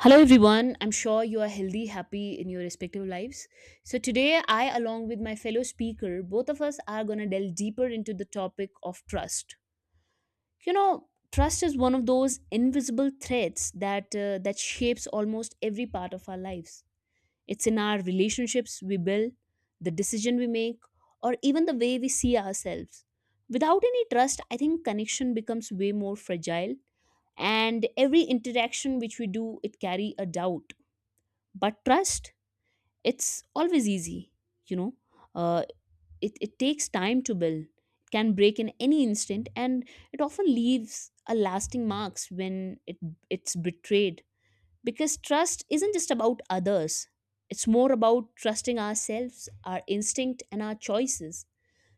Hello everyone, I'm sure you are healthy, happy in your respective lives. So today I along with my fellow speaker, both of us are going to delve deeper into the topic of trust. You know, trust is one of those invisible threads that shapes almost every part of our lives. It's in our relationships we build, the decision we make, or even the way we see ourselves. Without any trust, I think connection becomes way more fragile and every interaction which we do it carry a doubt but trust it's always easy you know uh, it takes time to build, it can break in any instant, and it often leaves a lasting marks when it's betrayed because trust isn't just about others, it's more about trusting ourselves, our instinct and our choices.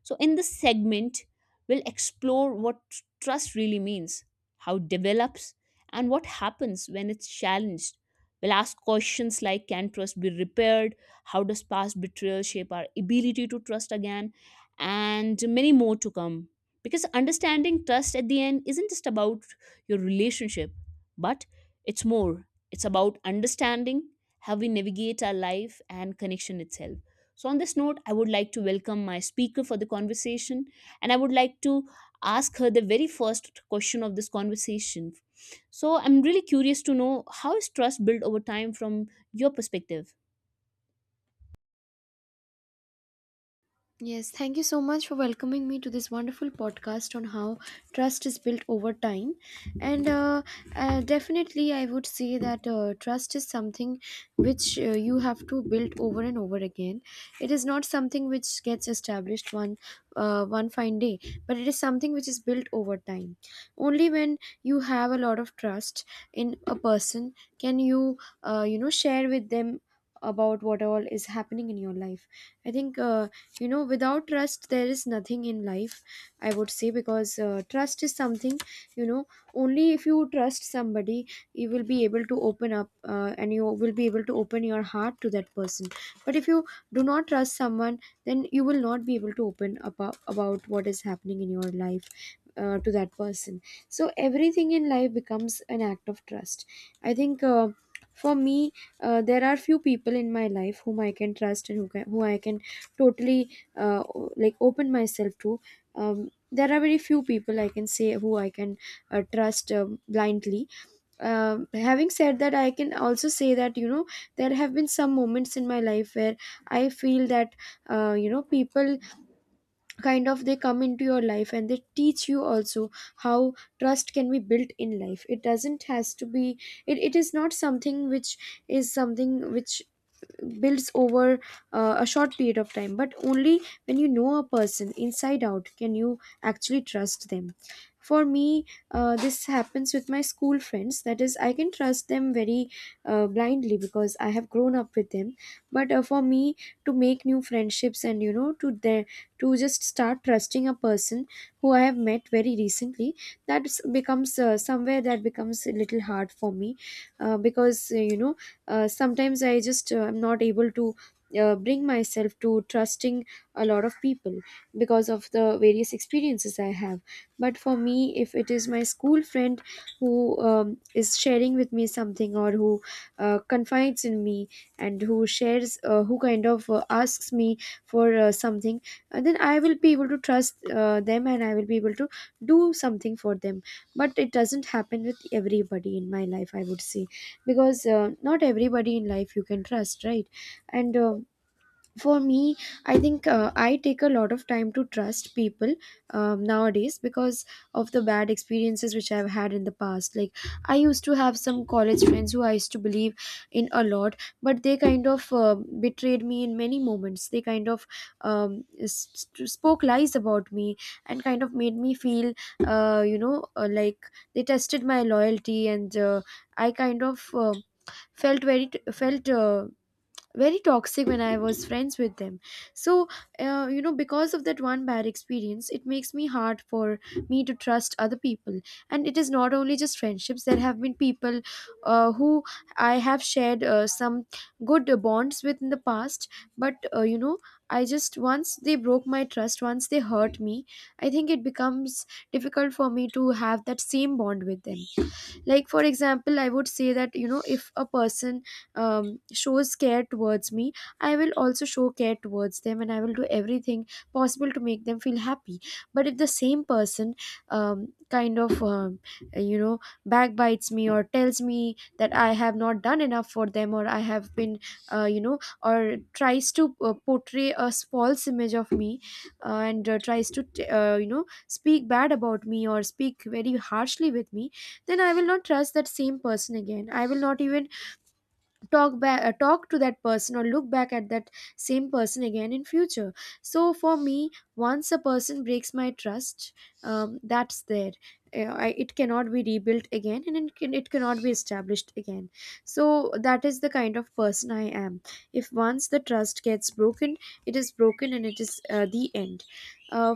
So, in this segment, we'll explore what trust really means, how it develops, and what happens when it's challenged. We'll ask questions like, can trust be repaired? How does past betrayal shape our ability to trust again? And many more to come. Because understanding trust at the end isn't just about your relationship, but it's more. It's about understanding how we navigate our life and connection itself. So, on this note, I would like to welcome my speaker for the conversation and I would like to ask her the very first question of this conversation. So, I'm really curious to know how is trust built over time from your perspective? Yes, thank you so much for welcoming me to this wonderful podcast on how trust is built over time. And definitely, I would say that trust is something which you have to build over and over again. It is not something which gets established one one fine day, but it is something which is built over time. Only when you have a lot of trust in a person can you you know share with them about what all is happening in your life. I think. You know Without trust there is nothing in life, I would say, because trust is something, you know only if you trust somebody you will be able to open up, and you will be able to open your heart to that person. But if you do not trust someone, then you will not be able to open up about what is happening in your life to that person. So everything in life becomes an act of trust, I think. For me, there are few people in my life whom I can trust and who I can totally uh, like open myself to. There are very few people I can say who I can trust blindly. Having said that, I can also say that, there have been some moments in my life where I feel that people kind of they come into your life and they teach you also how trust can be built in life. It doesn't has to be, it is not something which is something which builds over a short period of time, but only when you know a person inside out can you actually trust them. For me, this happens with my school friends, that is I can trust them very blindly because I have grown up with them. But for me to make new friendships and, to just start trusting a person who I have met very recently, that becomes somewhere that becomes a little hard for me, because sometimes I just am not able to bring myself to trusting a lot of people because of the various experiences I have. But for me, if it is my school friend who is sharing with me something, or who confides in me, and who shares who kind of asks me for something, then I will be able to trust them and I will be able to do something for them. But it doesn't happen with everybody in my life, I would say, because not everybody in life you can trust, right? and For me, I think I take a lot of time to trust people nowadays because of the bad experiences which I've had in the past. Like, I used to have some college friends who I used to believe in a lot, but they kind of betrayed me in many moments. They kind of um, spoke lies about me, and kind of made me feel, like, they tested my loyalty, and I kind of felt very felt very toxic when I was friends with them. So, because of that one bad experience, it makes me hard for me to trust other people. And it is not only just friendships. There have been people who I have shared some good bonds with in the past, but, I just, once they broke my trust, once they hurt me, I think it becomes difficult for me to have that same bond with them. Like, for example, I would say that, if a person shows care towards me, I will also show care towards them and I will do everything possible to make them feel happy. But if the same person um, kind of um, you know backbites me, or tells me that I have not done enough for them, or I have been, or tries to portray a false image of me, and tries to t- you know speak bad about me, or speak very harshly with me, then I will not trust that same person again. I will not even talk to that person or look back at that same person again in future. So for me, once a person breaks my trust, that's there. It cannot be rebuilt again, and it cannot be established again. So that is the kind of person I am. If once the trust gets broken, it is broken and it is the end. uh,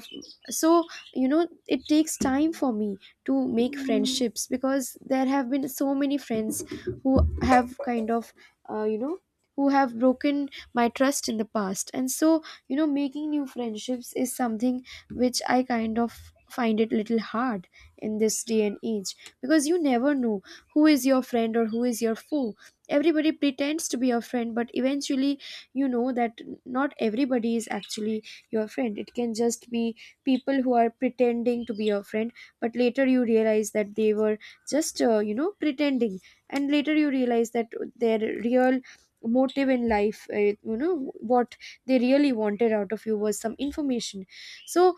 so you know it takes time for me to make friendships because there have been so many friends who have kind of, uh, you know who have broken my trust in the past. And so, making new friendships is something which I kind of find it little hard in this day and age, because you never know who is your friend or who is your foe. Everybody pretends to be your friend, but eventually you know that not everybody is actually your friend. It can just be people who are pretending to be your friend, but later you realize that they were just, pretending, and later you realize that their real motive in life, what they really wanted out of you was some information. So,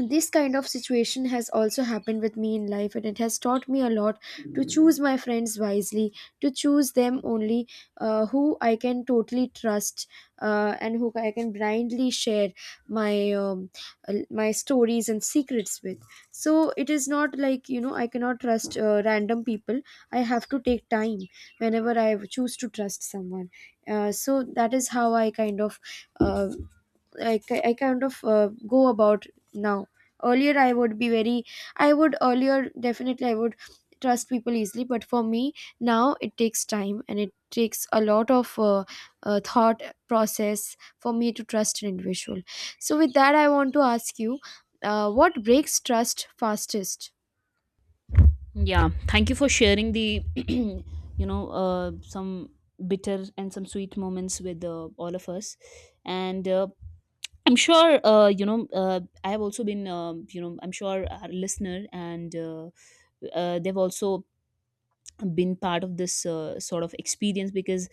this kind of situation has also happened with me in life, and it has taught me a lot, to choose my friends wisely, to choose them only who I can totally trust, and who I can blindly share my my stories and secrets with. So it is not like, I cannot trust random people. I have to take time whenever I choose to trust someone. So that is how I kind of uh, I kind of go about now. Earlier I would be very, I would earlier definitely I would trust people easily, but for me now it takes time, and it takes a lot of thought process for me to trust an individual. So with that, I want to ask you, what breaks trust fastest? Yeah, thank you for sharing the, you know, some bitter and some sweet moments with all of us. And I'm sure, you know, I have also been, you know, I'm sure our listener and they've also been part of this sort of experience because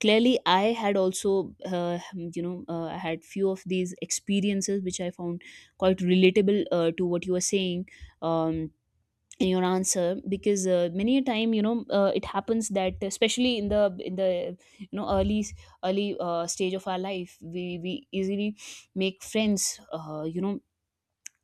clearly I had also, you know, I had few of these experiences which I found quite relatable to what you were saying um, in your answer because many a time you know it happens that especially in the you know early stage of our life we easily make friends, you know,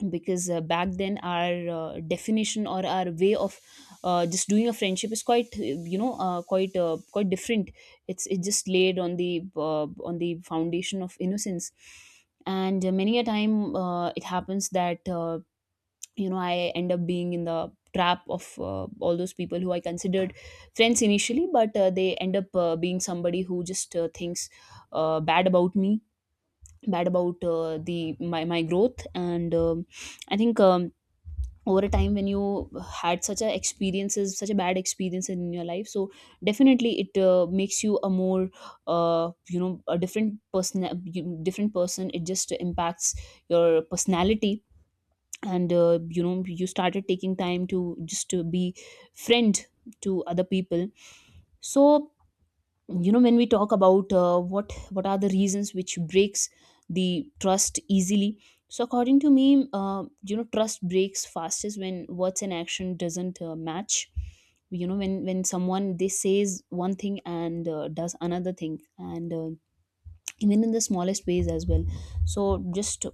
because back then our definition or our way of just doing a friendship is quite you know quite quite different. It's it just laid on the on the foundation of innocence. And many a time it happens that you know I end up being in the trap of all those people who I considered friends initially but they end up being somebody who just thinks bad about me, bad about my growth. And I think, over a time when you had such a experiences, such a bad experience in your life, so definitely it makes you a more, you know, a different person, different person. It just impacts your personality and you know you started taking time to just to be friend to other people. So you know when we talk about what are the reasons which breaks the trust easily, so according to me, you know, trust breaks fastest when words and action doesn't match. You know when someone they says one thing and does another thing, and even in the smallest ways as well. So just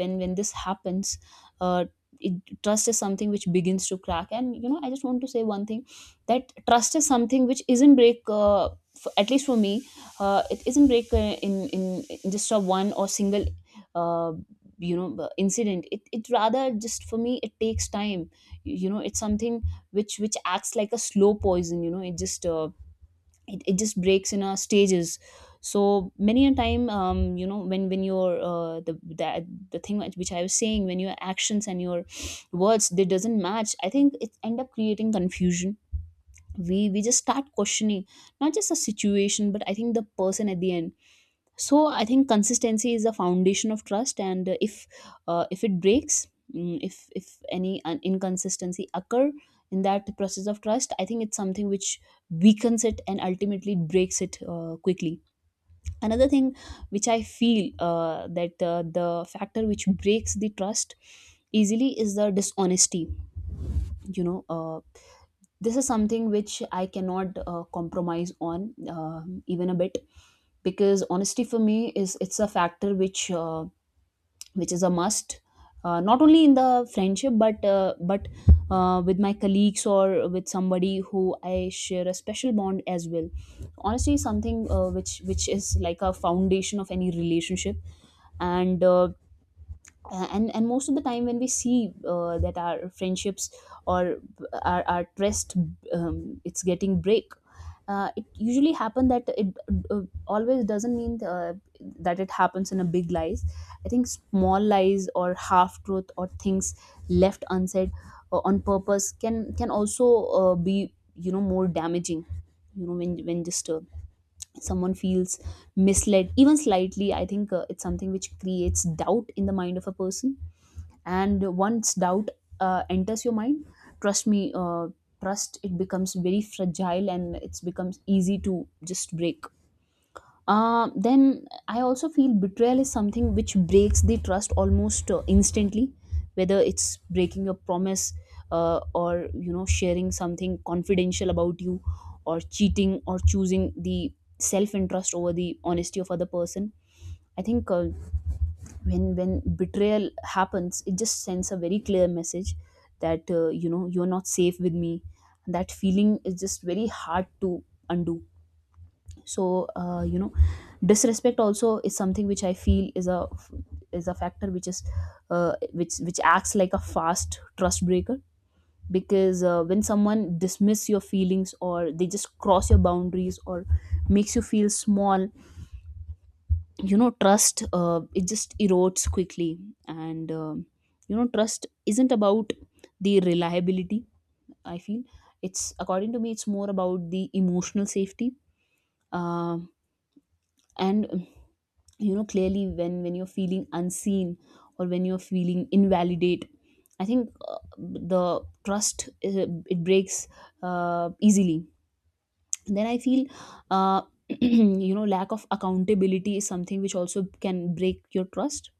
when this happens, uh it, trust is something which begins to crack. And you know I just want to say one thing, that trust is something which isn't break, f at least for me, it isn't break in just a one or single uh, you know incident. It rather just for me it takes time. You know, it's something which acts like a slow poison. You know it just it just breaks in our stages. So many a time, you know, when your the that the thing which I was saying, when your actions and your words they doesn't match, I think it end up creating confusion. We just start questioning not just the situation but I think the person at the end. So I think consistency is the foundation of trust. And if it breaks, if any inconsistency occur in that process of trust, I think it's something which weakens it and ultimately breaks it quickly. Another thing which I feel, that the factor which breaks the trust easily, is the dishonesty. You know, this is something which I cannot compromise on, even a bit. Because honesty for me is, it's a factor which, which is a must, not only in the friendship but with my colleagues or with somebody who I share a special bond as well. Honestly, something which is like a foundation of any relationship. And and most of the time when we see that our friendships or our trust, it's getting break, it usually happen that it uh, always doesn't mean that it happens in a big lies. I think small lies or half truth or things left unsaid on purpose can also be, you know, more damaging. You know when just someone feels misled even slightly, I think it's something which creates doubt in the mind of a person. And once doubt enters your mind, trust me, trust it becomes very fragile and it's becomes easy to just break. Then I also feel betrayal is something which breaks the trust almost instantly, whether it's breaking your promise, or you know sharing something confidential about you, or cheating, or choosing the self interest over the honesty of other person. I think, when betrayal happens, it just sends a very clear message that, you know, you're not safe with me. That feeling is just very hard to undo. So, you know, disrespect also is something which I feel is a factor which is, which acts like a fast trust breaker, because when someone dismiss your feelings or they just cross your boundaries or makes you feel small, you know trust, it just erodes quickly. And you know trust isn't about the reliability, I feel. It's, according to me, it's more about the emotional safety. Um and you know, clearly, when you're feeling unseen or when you're feeling invalidate, I think the trust, it breaks easily. Then I feel, uh, you know, lack of accountability is something which also can break your trust.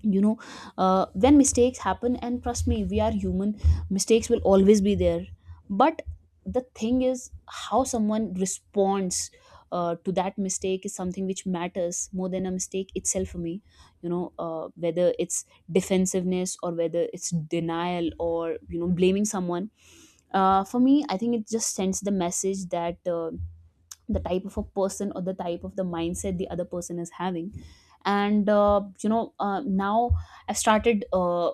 You know, when mistakes happen, and trust me, we are human, mistakes will always be there. But the thing is how someone responds to that mistake is something which matters more than a mistake itself for me. You know, whether it's defensiveness or whether it's denial or you know blaming someone, for me I think it just sends the message that, the type of a person or the type of the mindset the other person is having. And you know, now I've started,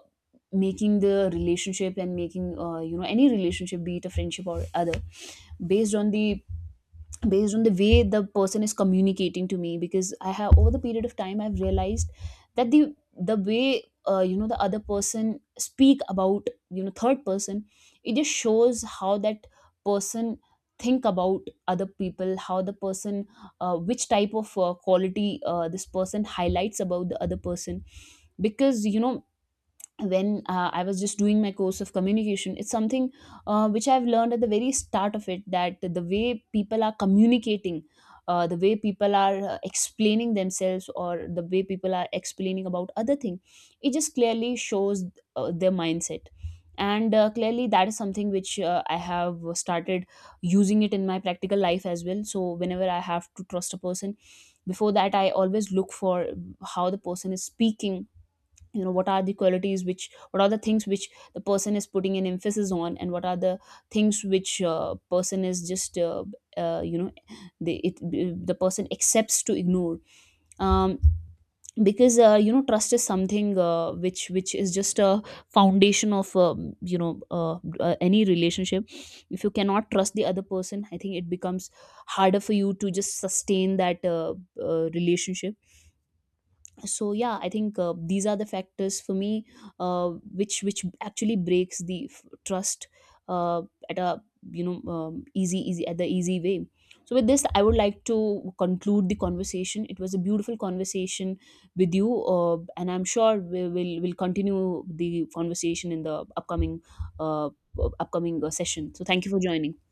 making the relationship and making, you know, any relationship, be it a friendship or other, based on the, based on the way the person is communicating to me. Because I have, over the period of time I've realized that the way, you know, the other person speak about you know third person, it just shows how that person think about other people, how the person, which type of quality this person highlights about the other person. Because you know, when I was just doing my course of communication, it's something which I've learned at the very start of it, that the way people are communicating, the way people are explaining themselves, or the way people are explaining about other thing, it just clearly shows their mindset. And clearly, that is something which I have started using it in my practical life as well. So, whenever I have to trust a person, before that, I always look for how the person is speaking, you know, what are the qualities which, what are the things which the person is putting an emphasis on, and what are the things which person is just, you know, the it, the person accepts to ignore. um, because you know trust is something which is just a foundation of, you know, any relationship. If you cannot trust the other person, I think it becomes harder for you to just sustain that, relationship. So yeah, I think these are the factors for me, which actually breaks the trust, uh, at a, you know, easy easy at the easy way. So with this I would like to conclude the conversation. It was a beautiful conversation with you, and I'm sure we will continue the conversation in the upcoming, uh, upcoming session. So thank you for joining.